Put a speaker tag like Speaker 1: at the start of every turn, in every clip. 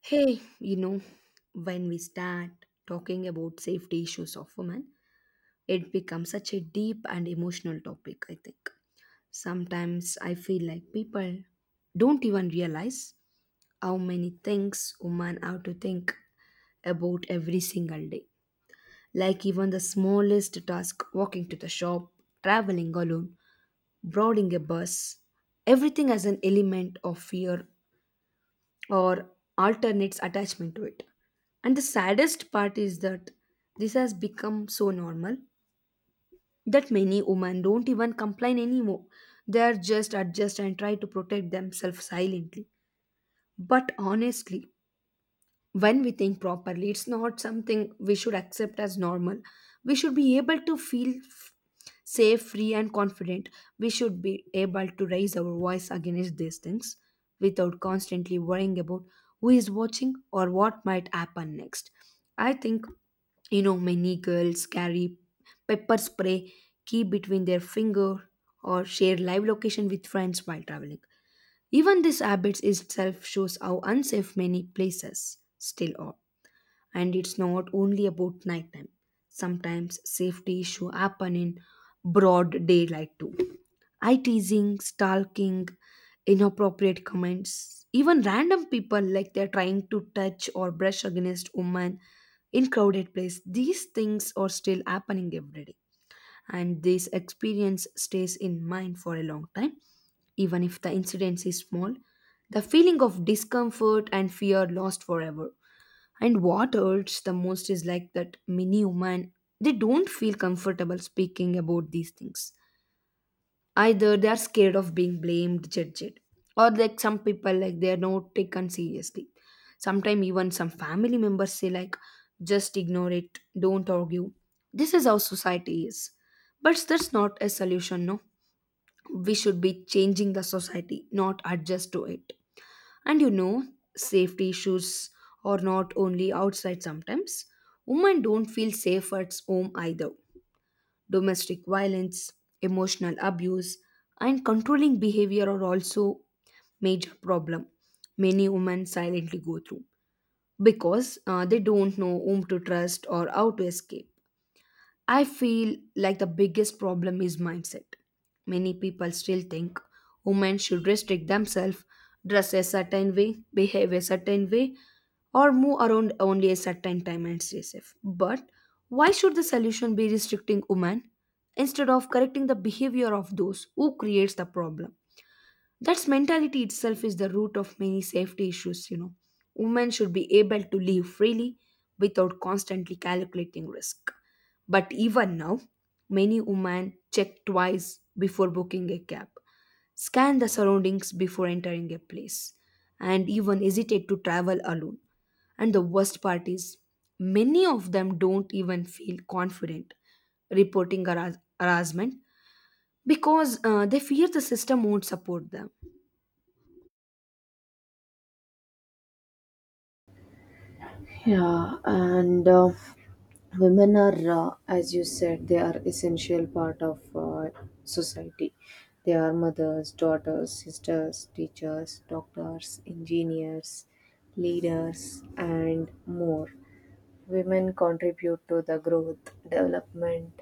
Speaker 1: Hey, you know, when we start talking about safety issues of women, it becomes such a deep and emotional topic, I think. Sometimes I feel like people don't even realize how many things women have to think about every single day. Like even the smallest task, walking to the shop, traveling alone, boarding a bus, everything has an element of fear or alternates attachment to it. And the saddest part is that this has become so normal that many women don't even complain anymore. They are just adjust and try to protect themselves silently. But honestly, when we think properly, it's not something we should accept as normal. We should be able to feel safe, free, and confident. We should be able to raise our voice against these things without constantly worrying about who is watching or what might happen next. I think, you know, many girls carry pepper spray, key between their finger, or share live location with friends while traveling. Even this habit itself shows how unsafe many places still are. And it's not only about nighttime. Sometimes safety issue happen in broad daylight too. Eye teasing, stalking, inappropriate comments, even random people like they're trying to touch or brush against women in crowded place, these things are still happening every day. And this experience stays in mind for a long time. Even if the incidence is small, the feeling of discomfort and fear lost forever. And what hurts the most is like that many women, they don't feel comfortable speaking about these things. Either they are scared of being blamed, judged, or like some people, like they are not taken seriously. Sometimes even some family members say like, just ignore it, don't argue. This is how society is. But that's not a solution, no? We should be changing the society, not adjust to it. And you know, safety issues are not only outside sometimes. Women don't feel safe at home either. Domestic violence, emotional abuse, and controlling behavior are also major problem many women silently go through because they don't know whom to trust or how to escape. I feel like the biggest problem is mindset. Many people still think women should restrict themselves, dress a certain way, behave a certain way, or move around only a certain time and stay safe. But why should the solution be restricting women instead of correcting the behavior of those who creates the problem? That mentality itself is the root of many safety issues, you know. Women should be able to live freely without constantly calculating risk. But even now, many women check twice before booking a cab, scan the surroundings before entering a place, and even hesitate to travel alone. And the worst part is, many of them don't even feel confident reporting harassment because they fear the system won't support them.
Speaker 2: Yeah, and women are, as you said, they are essential part of society. They are mothers, daughters, sisters, teachers, doctors, engineers, leaders, and more. Women contribute to the growth, development,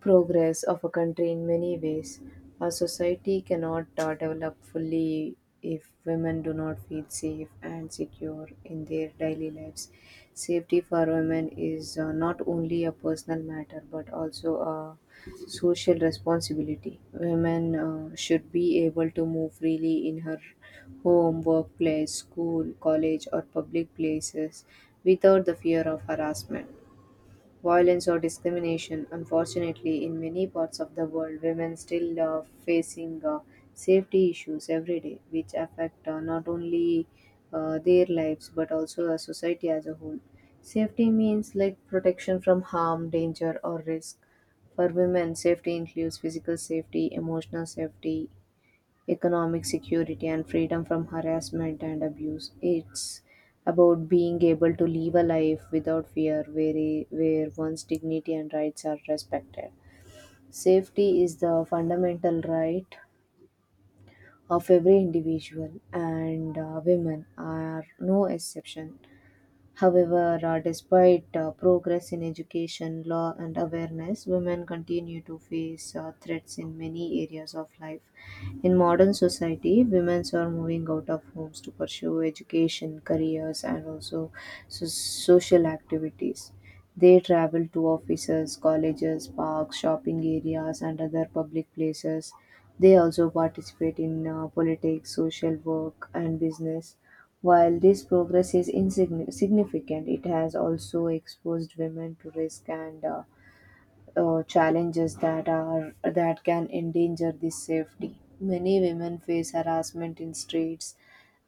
Speaker 2: progress of a country in many ways. A society cannot develop fully if women do not feel safe and secure in their daily lives. Safety for women is not only a personal matter but also a social responsibility. Women should be able to move freely in her home, workplace, school, college, or public places without the fear of harassment, violence, or discrimination. Unfortunately, in many parts of the world, women still are facing safety issues every day, which affect not only their lives but also the society as a whole. Safety means like protection from harm, danger, or risk. For women, safety includes physical safety, emotional safety, economic security, and freedom from harassment and abuse. It's about being able to live a life without fear, where one's dignity and rights are respected. Safety is the fundamental right of every individual, and women are no exception. However, despite progress in education, law, and awareness, women continue to face threats in many areas of life. In modern society, women are moving out of homes to pursue education, careers, and also social activities. They travel to offices, colleges, parks, shopping areas, and other public places. They also participate in politics, social work, and business. While this progress is insignificant, it has also exposed women to risk and challenges that can endanger this safety. Many women face harassment in streets,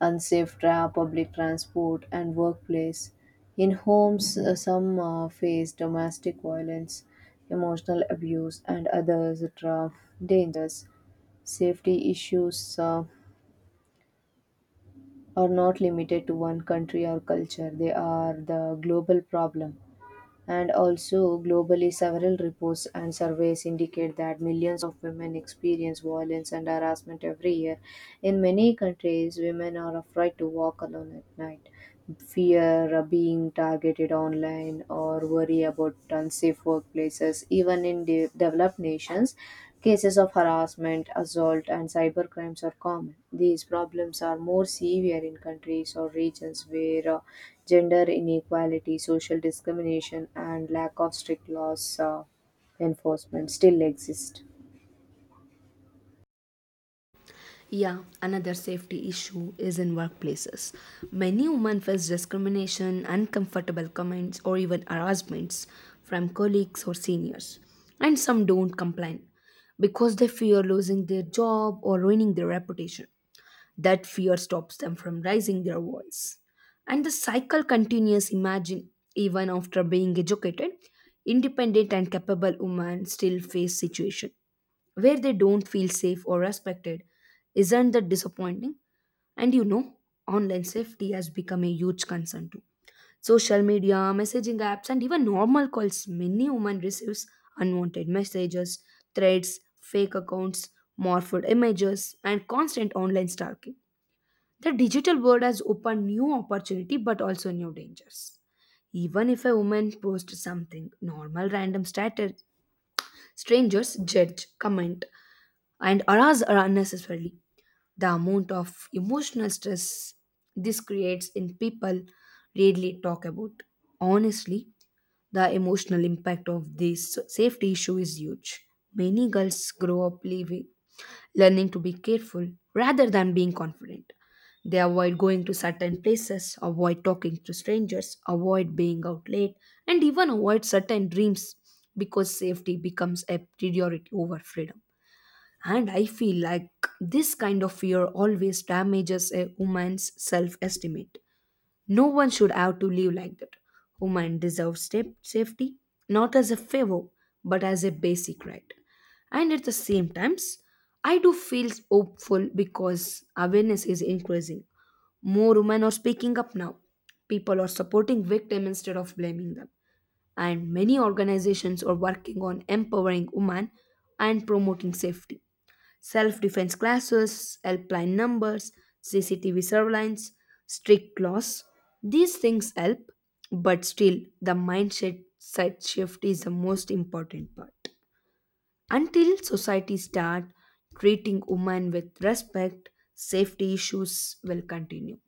Speaker 2: unsafe public transport, and workplace. In homes, some face domestic violence, emotional abuse, and others rough dangers. Safety issues are not limited to one country or culture. They are the global problem. And also, globally, several reports and surveys indicate that millions of women experience violence and harassment every year. In many countries, women are afraid to walk alone at night, fear of being targeted online, or worry about unsafe workplaces. Even in developed nations, cases of harassment, assault, and cybercrimes are common. These problems are more severe in countries or regions where gender inequality, social discrimination, and lack of strict laws enforcement still exist.
Speaker 1: Yeah, another safety issue is in workplaces. Many women face discrimination, uncomfortable comments, or even harassments from colleagues or seniors. And some don't complain because they fear losing their job or ruining their reputation. That fear stops them from raising their voice. And the cycle continues. Imagine, even after being educated, independent and capable women still face situation where they don't feel safe or respected. Isn't that disappointing? And you know, online safety has become a huge concern too. Social media, messaging apps, and even normal calls. Many women receives unwanted messages, threats, fake accounts, morphed images, and constant online stalking. The digital world has opened new opportunity but also new dangers. Even if a woman posts something normal, random status, strangers judge, comment, and arouse her unnecessarily. The amount of emotional stress this creates in people rarely talk about. Honestly, the emotional impact of this safety issue is huge. Many girls grow up leaving, learning to be careful rather than being confident. They avoid going to certain places, avoid talking to strangers, avoid being out late, and even avoid certain dreams because safety becomes a priority over freedom. And I feel like this kind of fear always damages a woman's self estimate. No one should have to live like that. Women deserve step safety, not as a favor, but as a basic right. And at the same times, I do feel hopeful because awareness is increasing. More women are speaking up now. People are supporting victims instead of blaming them. And many organizations are working on empowering women and promoting safety, self defense classes, helpline numbers, CCTV surveillance, strict laws. These things help, but still, the mindset side shift is the most important part. Until society start treating women with respect, safety issues will continue.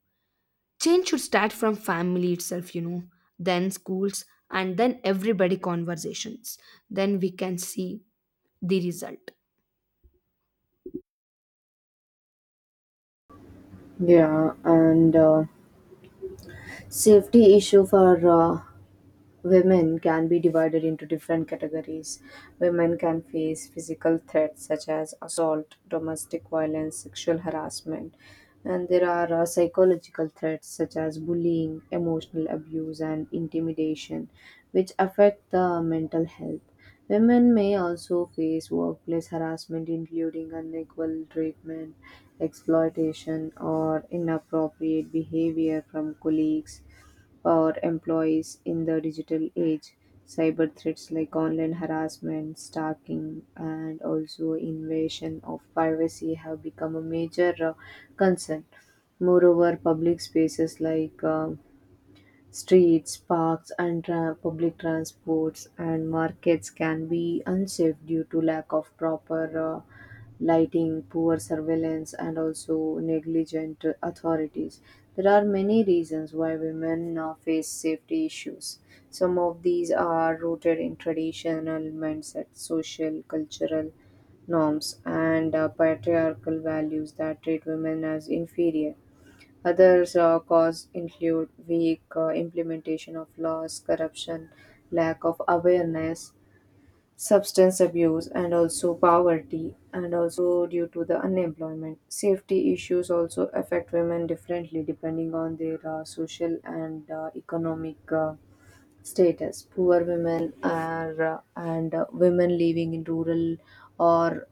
Speaker 1: Change should start from family itself, you know, then schools, and then everybody conversations. Then we can see the result.
Speaker 2: Yeah, and safety issue for uh, women can be divided into different categories. Women can face physical threats such as assault, domestic violence, sexual harassment, and there are psychological threats such as bullying, emotional abuse, and intimidation, which affect the mental health. Women may also face workplace harassment, including unequal treatment, exploitation, or inappropriate behavior from colleagues or employees in the digital age. Cyber threats like online harassment, stalking, and also invasion of privacy have become a major concern. Moreover, public spaces like streets, parks, and public transports and markets can be unsafe due to lack of proper lighting, poor surveillance, and also negligent authorities. There are many reasons why women face safety issues. Some of these are rooted in traditional mindset, social, cultural norms, and patriarchal values that treat women as inferior. Others cause include weak implementation of laws, corruption, lack of awareness, substance abuse, and also poverty, and also due to the unemployment. Safety issues also affect women differently depending on their social and economic status. Poor women are and women living in rural or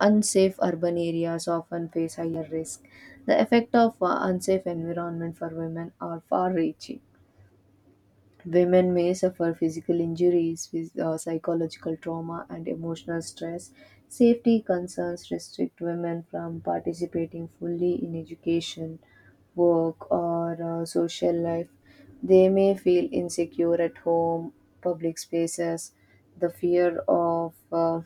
Speaker 2: unsafe urban areas often face higher risk. The effect of unsafe environment for women are far reaching. Women may suffer physical injuries, psychological trauma, and emotional stress. Safety concerns restrict women from participating fully in education, work, or social life. They may feel insecure at home, public spaces, the fear of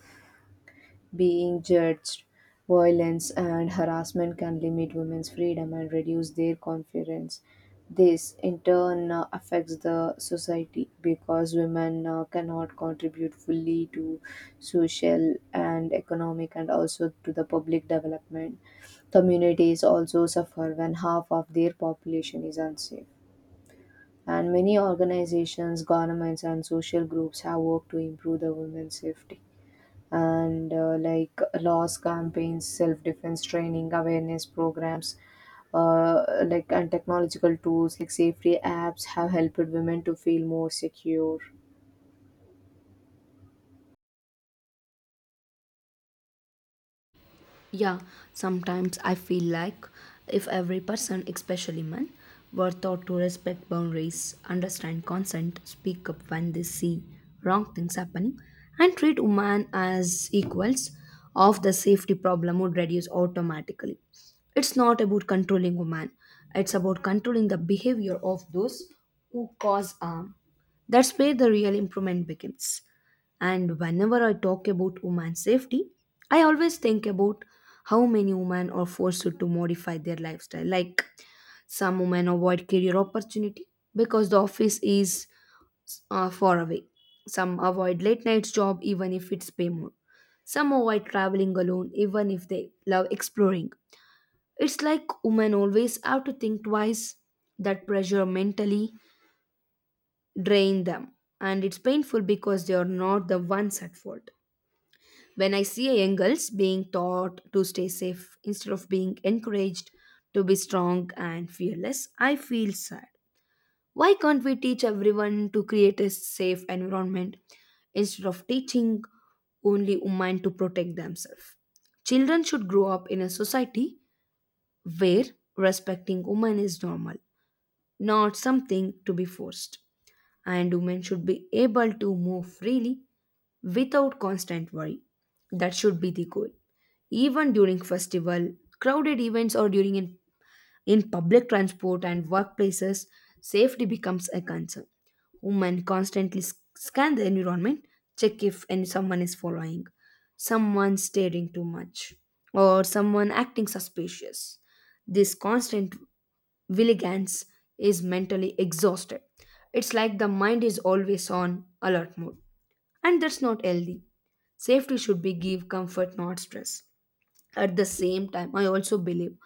Speaker 2: being judged, violence, and harassment can limit women's freedom and reduce their confidence. This, in turn, affects the society because women cannot contribute fully to social and economic and also to the public development. Communities also suffer when half of their population is unsafe. And many organizations, governments, and social groups have worked to improve the women's safety and like loss campaigns, self defense training, awareness programs, and technological tools like safety apps have helped women to feel more secure.
Speaker 1: Yeah, sometimes I feel like if every person, especially men, were taught to respect boundaries, understand consent, speak up when they see wrong things happening, and treat women as equals, of the safety problem would reduce automatically. It's not about controlling women; it's about controlling the behavior of those who cause harm. That's where the real improvement begins. And whenever I talk about women's safety, I always think about how many women are forced to modify their lifestyle. Like some women avoid career opportunity because the office is far away. Some avoid late nights job even if it's pay more. Some avoid traveling alone even if they love exploring. It's like women always have to think twice. That pressure mentally drain them, and it's painful because they are not the ones at fault. When I see young girls being taught to stay safe instead of being encouraged to be strong and fearless, I feel sad. Why can't we teach everyone to create a safe environment instead of teaching only women to protect themselves? Children should grow up in a society where respecting women is normal, not something to be forced. And women should be able to move freely without constant worry. That should be the goal. Even during festival, crowded events or in public transport and workplaces, safety becomes a concern. Women constantly scan the environment, check if any someone is following, someone staring too much, or someone acting suspicious. This constant vigilance is mentally exhausted. It's like the mind is always on alert mode and that's not healthy. Safety should be give comfort, not stress. At the same time, I also believe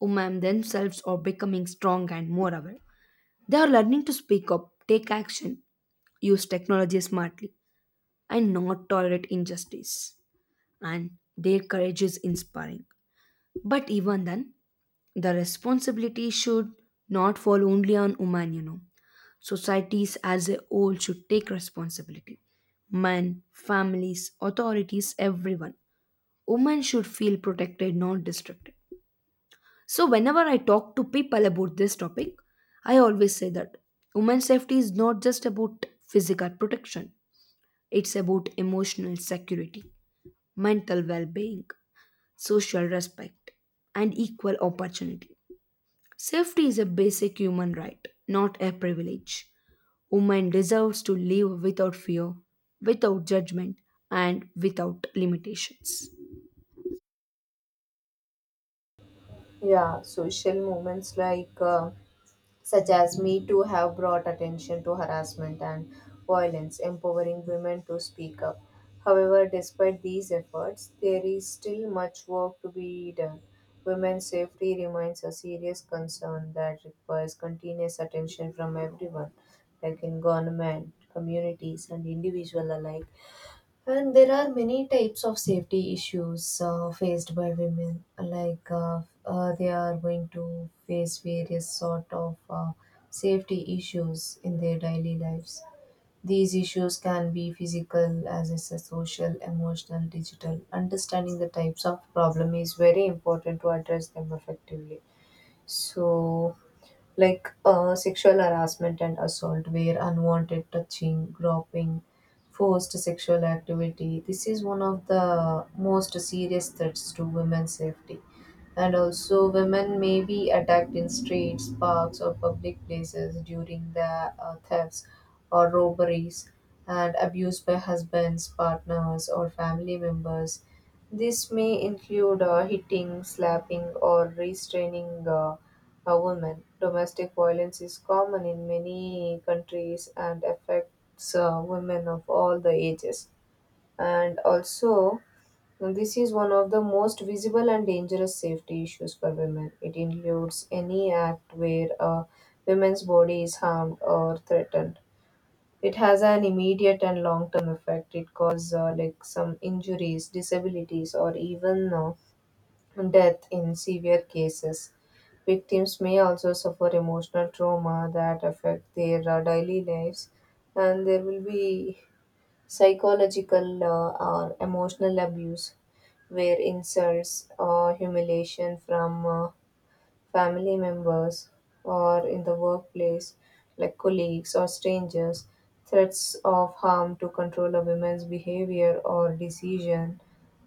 Speaker 1: women themselves are becoming strong and more aware. They are learning to speak up, take action, use technology smartly, and not tolerate injustice. And their courage is inspiring. But even then, the responsibility should not fall only on women, you know. Societies as a whole should take responsibility, men, families, authorities, everyone. Women should feel protected, not restricted. So, whenever I talk to people about this topic, I always say that women's safety is not just about physical protection, it's about emotional security, mental well being, social respect, and equal opportunity. Safety is a basic human right, not a privilege. Women deserves to live without fear, without judgment, and without limitations.
Speaker 2: Yeah, social movements like, such as Me Too, have brought attention to harassment and violence, empowering women to speak up. However, despite these efforts, there is still much work to be done. Women's safety remains a serious concern that requires continuous attention from everyone, like in government, communities, and individual alike. And there are many types of safety issues faced by women. Like, they are going to face various sort of safety issues in their daily lives. These issues can be physical, as is a social, emotional, digital. Understanding the types of problem is very important to address them effectively. So like, sexual harassment and assault, where unwanted touching, groping, forced sexual activity. This is one of the most serious threats to women's safety. And also, women may be attacked in streets, parks, or public places during the thefts or robberies and abused by husbands, partners, or family members. This may include hitting, slapping, or restraining a woman. Domestic violence is common in many countries and affects women of all the ages. And also, this is one of the most visible and dangerous safety issues for women. It includes any act where a woman's body is harmed or threatened. It has an immediate and long term effect. It causes like some injuries, disabilities, or even death in severe cases. Victims may also suffer emotional trauma that affect their daily lives, and there will be psychological or emotional abuse where insults or humiliation from family members, or in the workplace, like colleagues or strangers, threats of harm to control a woman's behavior or decision,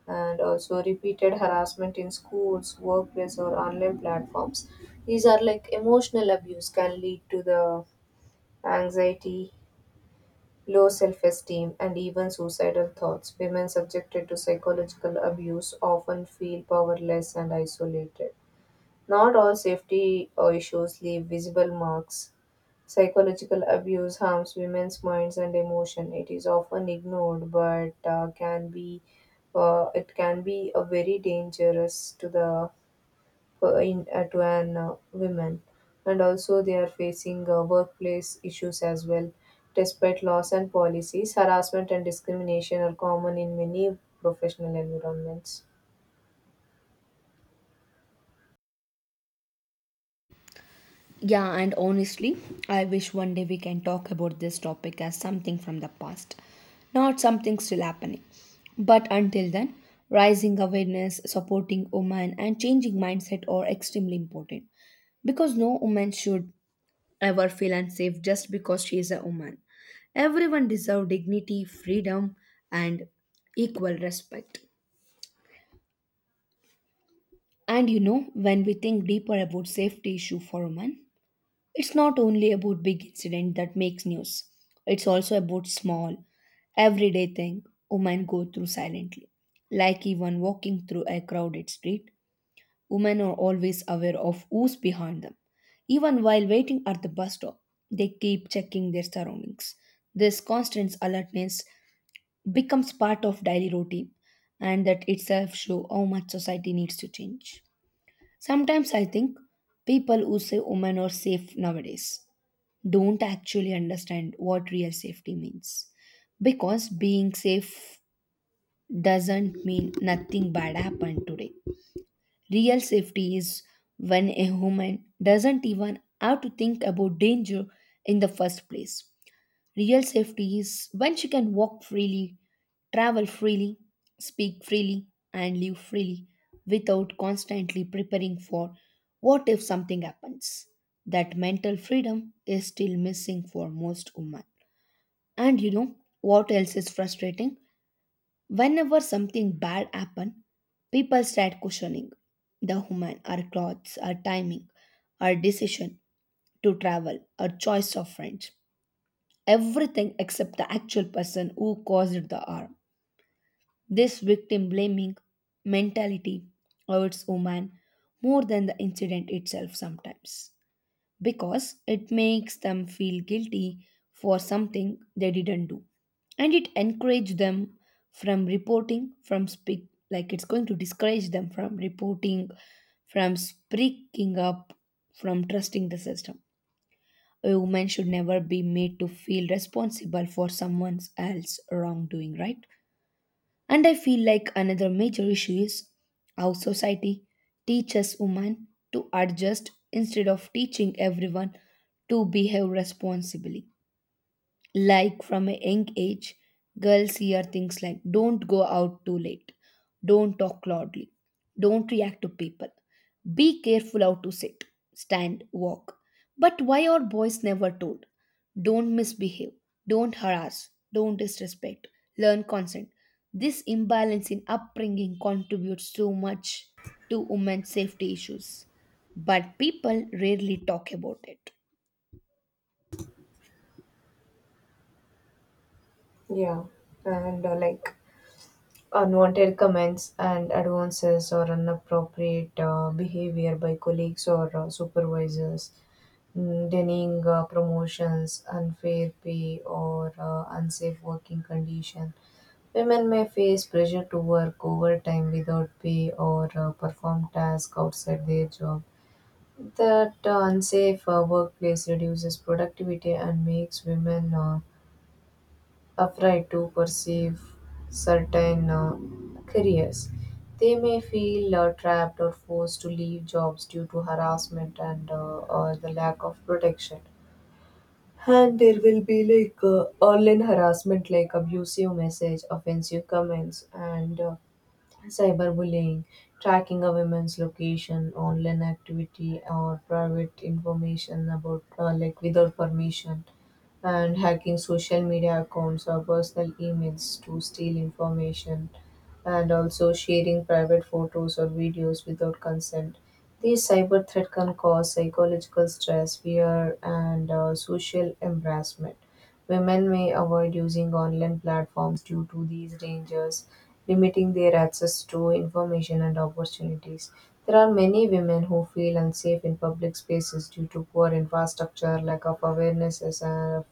Speaker 2: and also repeated harassment in schools, workplace, or online platforms. These are like emotional abuse can lead to the anxiety, low self esteem, and even suicidal thoughts. Women subjected to psychological abuse often feel powerless and isolated. Not all safety issues leave visible marks. Psychological abuse harms women's minds and emotion. It is often ignored, but can be it can be a very dangerous to the to an women, and also they are facing workplace issues as well. Despite laws and policies, harassment and discrimination are common in many professional environments.
Speaker 1: Yeah, and honestly, I wish one day we can talk about this topic as something from the past, not something still happening. But until then, rising awareness, supporting women, and changing mindset are extremely important because no woman should ever feel unsafe just because she is a woman. Everyone deserves dignity, freedom, and equal respect. And you know, when we think deeper about safety issue for women, it's not only about big incident that makes news. It's also about small, everyday thing women go through silently. Like even walking through a crowded street, women are always aware of who's behind them. Even while waiting at the bus stop, they keep checking their surroundings. This constant alertness becomes part of daily routine and that itself shows how much society needs to change. Sometimes I think people who say women are safe nowadays don't actually understand what real safety means. Because being safe doesn't mean nothing bad happened today. Real safety is when a human doesn't even have to think about danger in the first place. Real safety is when she can walk freely, travel freely, speak freely, and live freely without constantly preparing for what if something happens. That mental freedom is still missing for most women. And you know what else is frustrating? Whenever something bad happens, people start questioning the woman: our clothes, our timing, our decision to travel, our choice of friends, everything except the actual person who caused the harm. This victim blaming mentality hurts women more than the incident itself sometimes because it makes them feel guilty for something they didn't do, and it encourages them from reporting, from speak, like, it's going to discourage them from reporting, from speaking up, from trusting the system. A woman should never be made to feel responsible for someone else's wrongdoing, right? And I feel like another major issue is how society teaches women to adjust instead of teaching everyone to behave responsibly. Like from a young age, girls hear things like don't go out too late, don't talk loudly, don't react to people, be careful how to sit, stand, walk. But why are boys never told? Don't misbehave, don't harass, don't disrespect, learn consent. This imbalance in upbringing contributes so much to women's safety issues, but people rarely talk about it.
Speaker 2: Yeah, and like unwanted comments and advances or inappropriate behavior by colleagues or supervisors, denying promotions, unfair pay, or unsafe working condition. Women may face pressure to work overtime without pay or perform tasks outside their job. That unsafe workplace reduces productivity and makes women afraid to perceive certain careers. They may feel trapped or forced to leave jobs due to harassment and or the lack of protection. And there will be like online harassment, like abusive message, offensive comments, and cyberbullying, tracking a woman's location, online activity, or private information about, like without permission, and hacking social media accounts or personal emails to steal information, and also sharing private photos or videos without consent. These cyber threat can cause psychological stress, fear, and social embarrassment. Women may avoid using online platforms due to these dangers limiting their access to information and opportunities. There are many women who feel unsafe in public spaces due to poor infrastructure, lack of awarenesses, and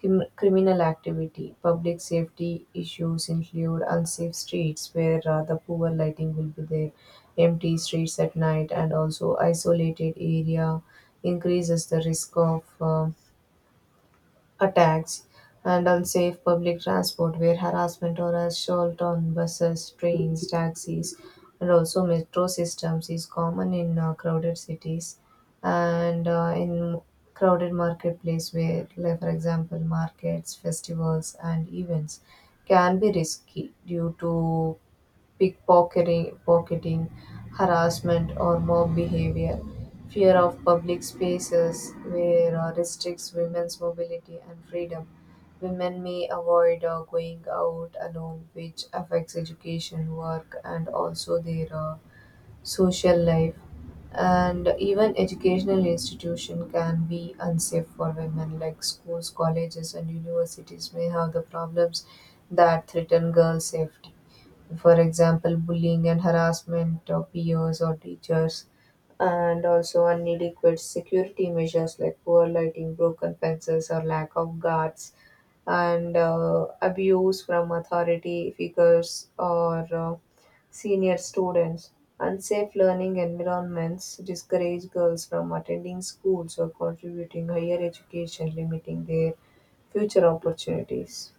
Speaker 2: criminal activity. Public safety issues include unsafe streets where the poor lighting will be there, empty streets at night, and also isolated area increases the risk of. Attacks, and unsafe public transport where harassment or assault on buses, trains, taxis, and also metro systems is common in crowded cities and in crowded marketplace where, like, for example, markets, festivals, and events can be risky due to pickpocketing, pocketing, harassment or mob behavior, fear of public spaces where restricts women's mobility and freedom. Women may avoid going out alone, which affects education, work, and also their social life. And even educational institution can be unsafe for women, like schools, colleges, and universities may have the problems that threaten girls' safety, for example, bullying and harassment of peers or teachers, and also inadequate security measures like poor lighting, broken fences, or lack of guards, and abuse from authority figures or senior students. Unsafe learning environments discourage girls from attending schools or contributing higher education, limiting their future opportunities.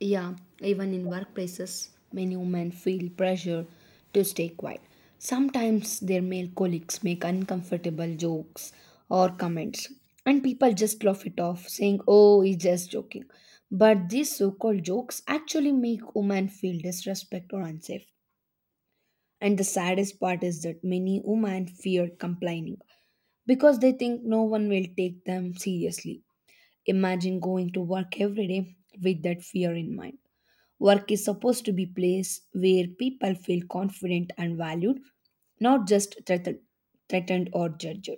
Speaker 1: Yeah, even in workplaces, many women feel pressure to stay quiet. Sometimes their male colleagues make uncomfortable jokes or comments, and people just laugh it off, saying, "Oh, he's just joking." But these so called jokes actually make women feel disrespect or unsafe. And the saddest part is that many women fear complaining because they think no one will take them seriously. Imagine going to work every day with that fear in mind. Work is supposed to be place where people feel confident and valued, not just threatened or judged.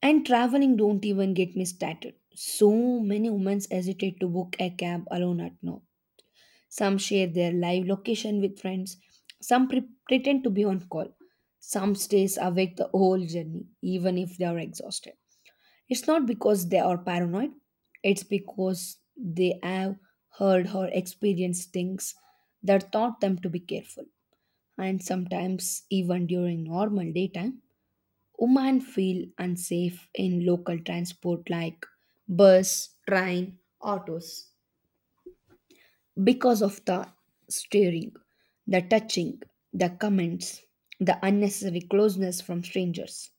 Speaker 1: And traveling, don't even get me started. So many women hesitate to book a cab alone at now. Some share their live location with friends. Some pretend to be on call. Some stays awake the whole journey, even if they are exhausted. It's not because they are paranoid, it's because they have heard or experienced things that taught them to be careful. And sometimes, even during normal daytime, women feel unsafe in local transport like bus, train, autos because of the staring, the touching, the comments, the unnecessary closeness from strangers.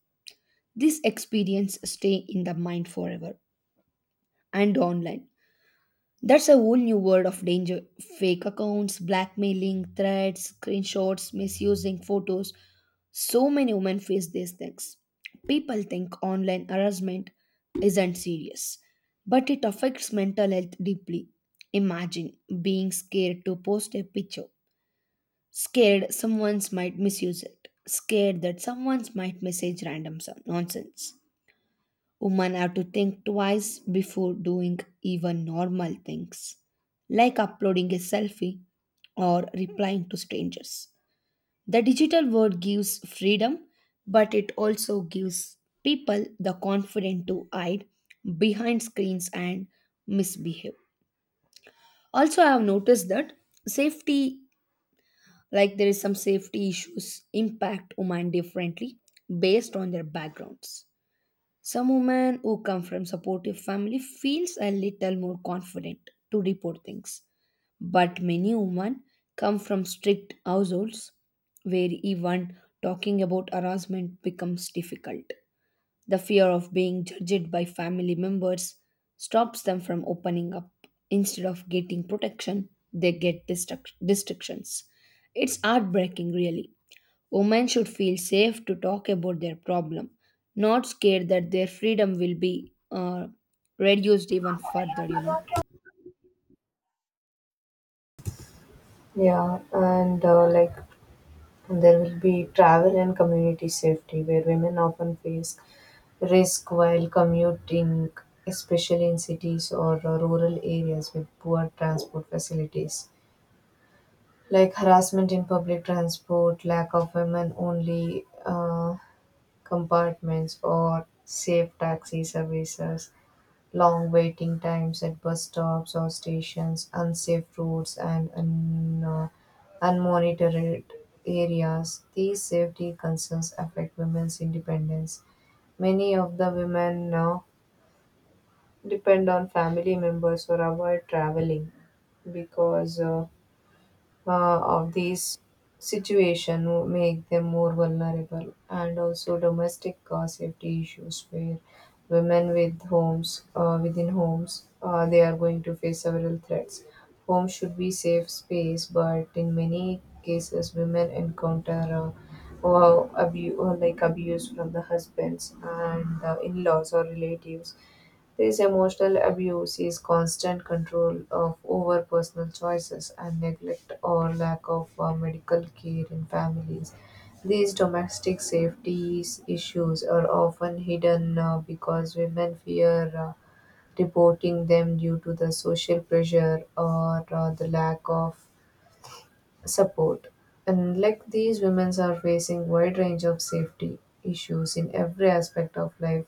Speaker 1: This experience stay in the mind forever. And online, that's a whole new world of danger. Fake accounts, blackmailing, threats, screenshots, misusing photos. So many women face these things. People think online harassment isn't serious, but it affects mental health deeply. Imagine being scared to post a picture, scared someone might misuse it, scared that someone might message random nonsense. Women have to think twice before doing even normal things, like uploading a selfie or replying to strangers. The digital world gives freedom, but it also gives people the confidence to hide behind screens and misbehave. Also, I have noticed that safety, like there is some safety issues, impact women differently based on their backgrounds. Some women who come from supportive family feels a little more confident to report things. But many women come from strict households where even talking about harassment becomes difficult. The fear of being judged by family members stops them from opening up. Instead of getting protection, they get distractions. It's heartbreaking, really. Women should feel safe to talk about their problem, not scared that their freedom will be reduced even further, you know.
Speaker 2: Yeah, and like there will be travel and community safety, where women often face risk while commuting, especially in cities or rural areas with poor transport facilities. Like harassment in public transport, lack of women only compartments, or safe taxi services. Long waiting times at bus stops or stations, unsafe roads, and unmonitored areas. These safety concerns affect women's independence. Many of the women now depend on family members or avoid traveling because of these situation will make them more vulnerable, and also domestic safety issues where women with homes within homes they are going to face several threats. Home should be safe space, but in many cases women encounter well, abu- or like abuse from the husbands and the in-laws or relatives. This emotional abuse is constant control of over personal choices and neglect or lack of medical care in families. These domestic safety issues are often hidden because women fear reporting them due to the social pressure or the lack of support. And like these women are facing wide range of safety issues in every aspect of life,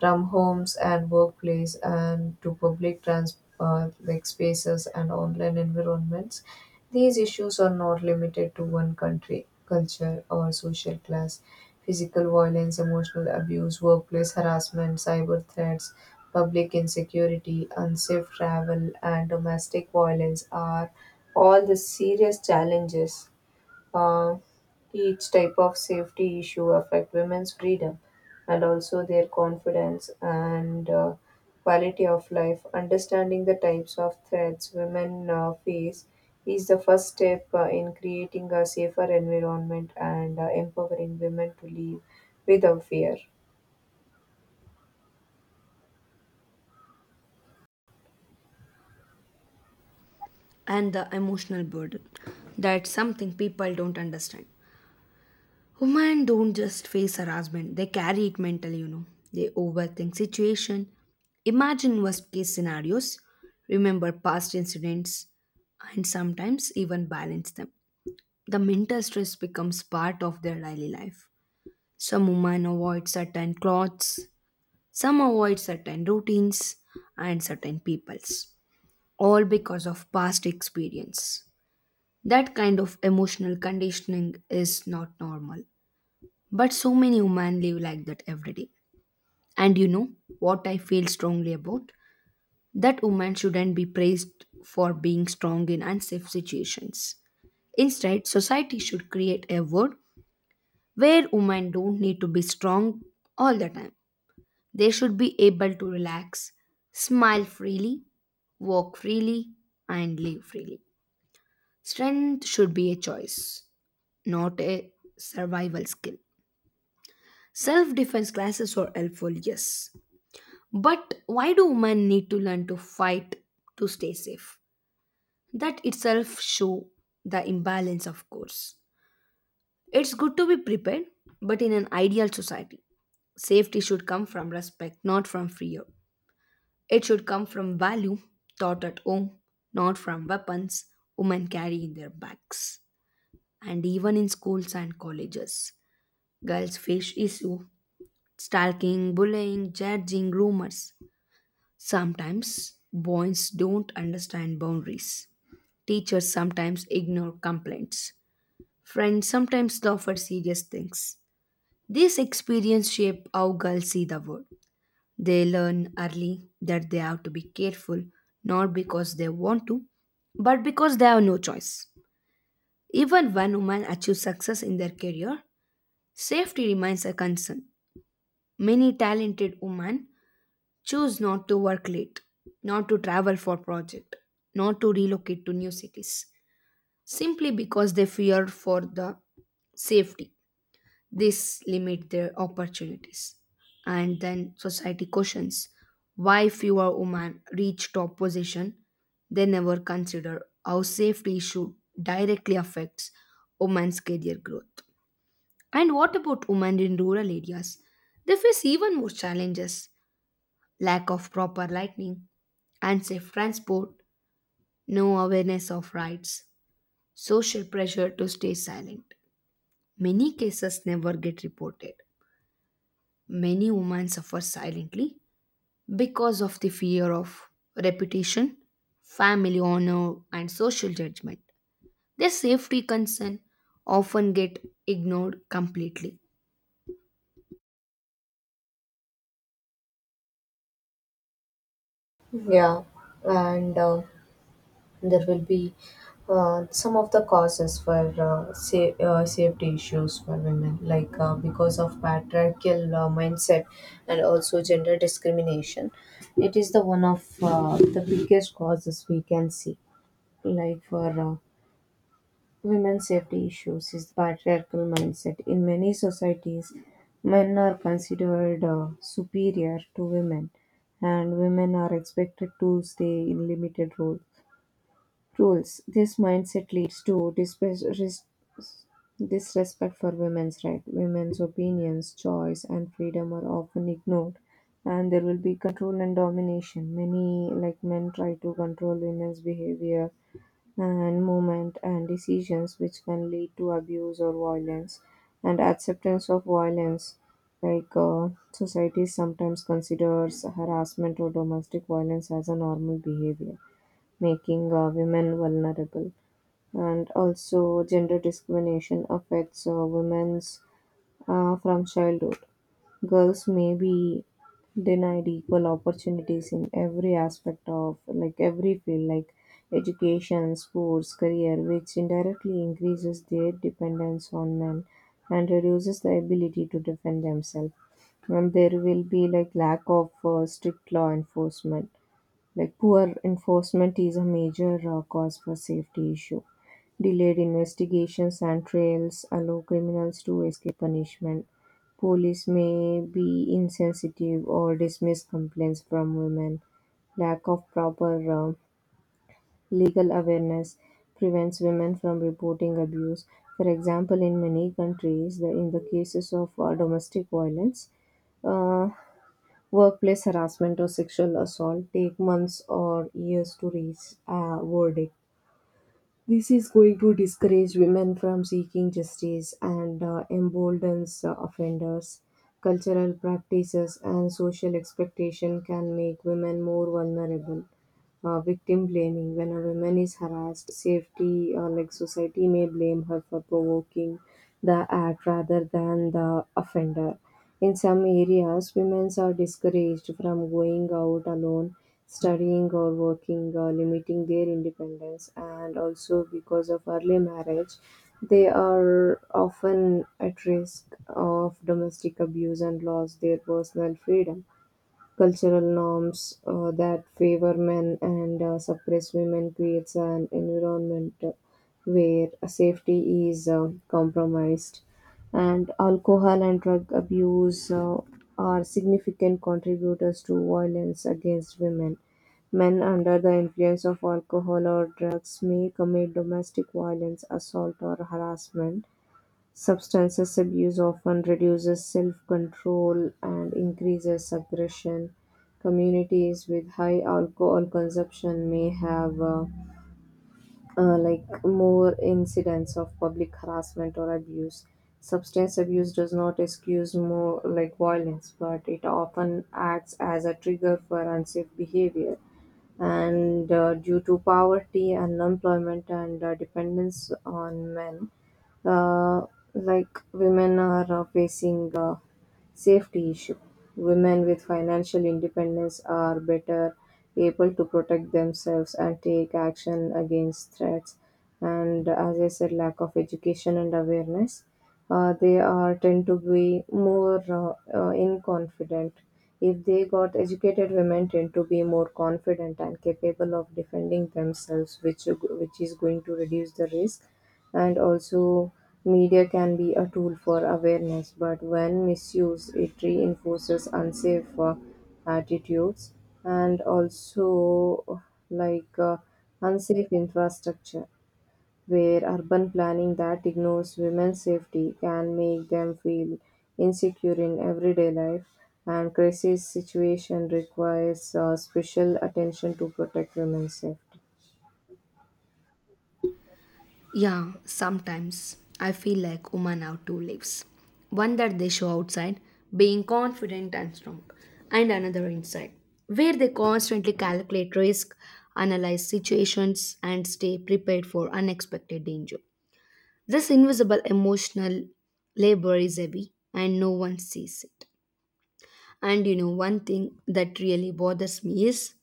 Speaker 2: from homes and workplace and to public trans like spaces and online environments. These issues are not limited to one country, culture, or social class. Physical violence, emotional abuse, workplace harassment, cyber threats, public insecurity, unsafe travel, and domestic violence are all the serious challenges uh, each type of safety issue affect women's freedom and also their confidence and quality of life. Understanding the types of threats women face is the first step in creating a safer environment and empowering women to live without fear.
Speaker 1: And the emotional burden. That's something people don't understand. Women don't just face harassment, they carry it mentally, you know. They overthink situation, imagine worst case scenarios, remember past incidents, and sometimes even balance them. The mental stress becomes part of their daily life. Some women avoid certain clothes, some avoid certain routines and certain peoples, all because of past experience. That kind of emotional conditioning is not normal. But so many women live like that every day. And you know what I feel strongly about? That women shouldn't be praised for being strong in unsafe situations. Instead, society should create a world where women don't need to be strong all the time. They should be able to relax, smile freely, walk freely, and live freely. Strength should be a choice, not a survival skill. Self defense classes are helpful, yes. But why do women need to learn to fight to stay safe? That itself shows the imbalance, of course. It's good to be prepared, but in an ideal society, safety should come from respect, not from fear. It should come from value taught at home, not from weapons women carry in their bags. And even in schools and colleges, girls face issue, stalking, bullying, judging, rumors. Sometimes boys don't understand boundaries. Teachers sometimes ignore complaints. Friends sometimes laugh at serious things. These experiences shape how girls see the world. They learn early that they have to be careful, not because they want to, but because they have no choice. Even when women achieve success in their career, safety remains a concern. Many talented women choose not to work late, not to travel for project, not to relocate to new cities, simply because they fear for the safety. This limit their opportunities. And then society questions why fewer women reach top position. They never consider how safety issue directly affects women's career growth. And what about women in rural areas? They face even more challenges: lack of proper lighting, unsafe transport, no awareness of rights, social pressure to stay silent. Many cases never get reported. Many women suffer silently because of the fear of reputation, family honor, and social judgment. Their safety concern often get ignored completely.
Speaker 2: Yeah, and there will be some of the causes for safety issues for women, like because of patriarchal mindset and also gender discrimination. It is the one of the biggest causes we can see. Like for women's safety issues is patriarchal mindset. In many societies, men are considered superior to women, and women are expected to stay in limited role rules. This mindset leads to disrespect for women's rights. Women's opinions, choice, and freedom are often ignored, and there will be control and domination. Many, like men, try to control women's behavior and movement and decisions, which can lead to abuse or violence. And acceptance of violence, like society sometimes considers harassment or domestic violence as a normal behavior, making women vulnerable. And also gender discrimination affects women's from childhood. Girls may be denied equal opportunities in every aspect of like every field like education, sports, career, which indirectly increases their dependence on men and reduces the ability to defend themselves. And there will be like lack of strict law enforcement. Like poor enforcement is a major cause for safety issue. Delayed investigations and trials allow criminals to escape punishment. Police may be insensitive or dismiss complaints from women. Lack of proper uh, legal awareness prevents women from reporting abuse. For example, in many countries in the cases of domestic violence uh, workplace harassment or sexual assault take months or years to reach a verdict. This is going to discourage women from seeking justice and emboldens offenders. Cultural practices and social expectation can make women more vulnerable. Victim blaming: when a woman is harassed, safety or like society may blame her for provoking the act rather than the offender. In some areas, women are discouraged from going out alone, studying or working, limiting their independence, and also because of early marriage, they are often at risk of domestic abuse and loss their personal freedom. Cultural norms that favor men and suppress women creates an environment where safety is compromised. And alcohol and drug abuse are significant contributors to violence against women. Men under the influence of alcohol or drugs may commit domestic violence, assault, or harassment. Substances abuse often reduces self-control and increases aggression. Communities with high alcohol consumption may have like more incidents of public harassment or abuse. Substance abuse does not excuse more like violence, but it often acts as a trigger for unsafe behavior. And due to poverty, unemployment, and dependence on men, uh, like women are facing safety issue. Women with financial independence are better able to protect themselves and take action against threats. And as I said, lack of education and awareness, they are tend to be more inconfident. If they got educated, women tend to be more confident and capable of defending themselves, which is going to reduce the risk. And also, media can be a tool for awareness, but when misused, it reinforces unsafe attitudes. And also like uh, unsafe infrastructure, where urban planning that ignores women's safety can make them feel insecure in everyday life, and crisis situation requires special attention to protect women's safety.
Speaker 1: Yeah, sometimes I feel like women have two lives. One that they show outside, being confident and strong, and another inside, where they constantly calculate risk, analyze situations, and stay prepared for unexpected danger. This invisible emotional labor is heavy and no one sees it. And you know, one thing that really bothers me is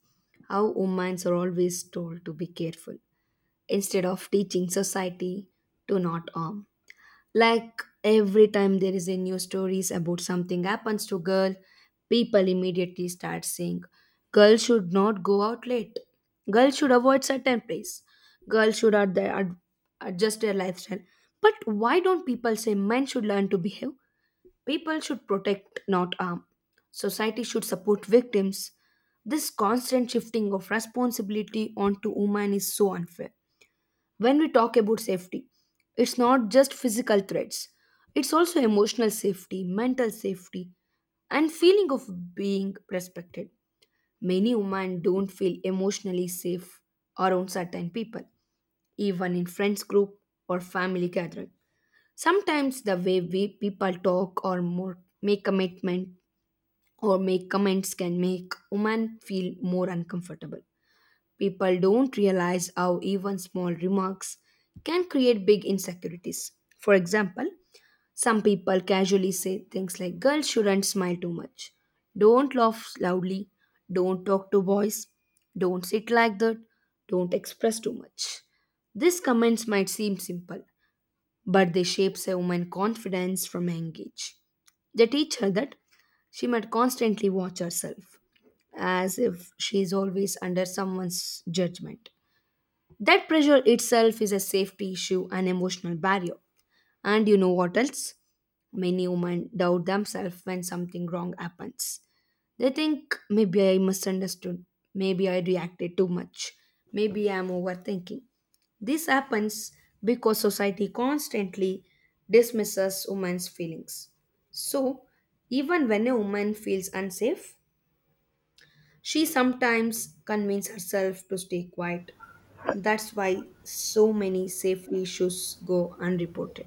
Speaker 1: how humans are always told to be careful instead of teaching society to not harm. Like every time there is a new stories about something happens to girl, people immediately start saying, "Girl should not go out late. Girl should avoid certain place. Girl should adjust their lifestyle." But why don't people say men should learn to behave? People should protect, not harm. Society should support victims. This constant shifting of responsibility onto women is so unfair. When we talk about safety, it's not just physical threats, it's also emotional safety, mental safety, and feeling of being respected. Many women don't feel emotionally safe around certain people, even in friends group or family gathering. Sometimes the way we people talk or more make commitment or make comments can make women feel more uncomfortable. People don't realize how even small remarks can create big insecurities. For example, some people casually say things like, "Girls shouldn't smile too much. Don't laugh loudly. Don't talk to boys. Don't sit like that. Don't express too much." These comments might seem simple, but they shape a woman's confidence from a young age. They teach her that she might constantly watch herself as if she is always under someone's judgment. That pressure itself is a safety issue, an emotional barrier. And you know what else? Many women doubt themselves when something wrong happens. They think maybe I misunderstood, maybe I reacted too much, maybe I'm overthinking. This happens because society constantly dismisses women's feelings. So, even when a woman feels unsafe, she sometimes convinces herself to stay quiet. That's why so many safety issues go unreported.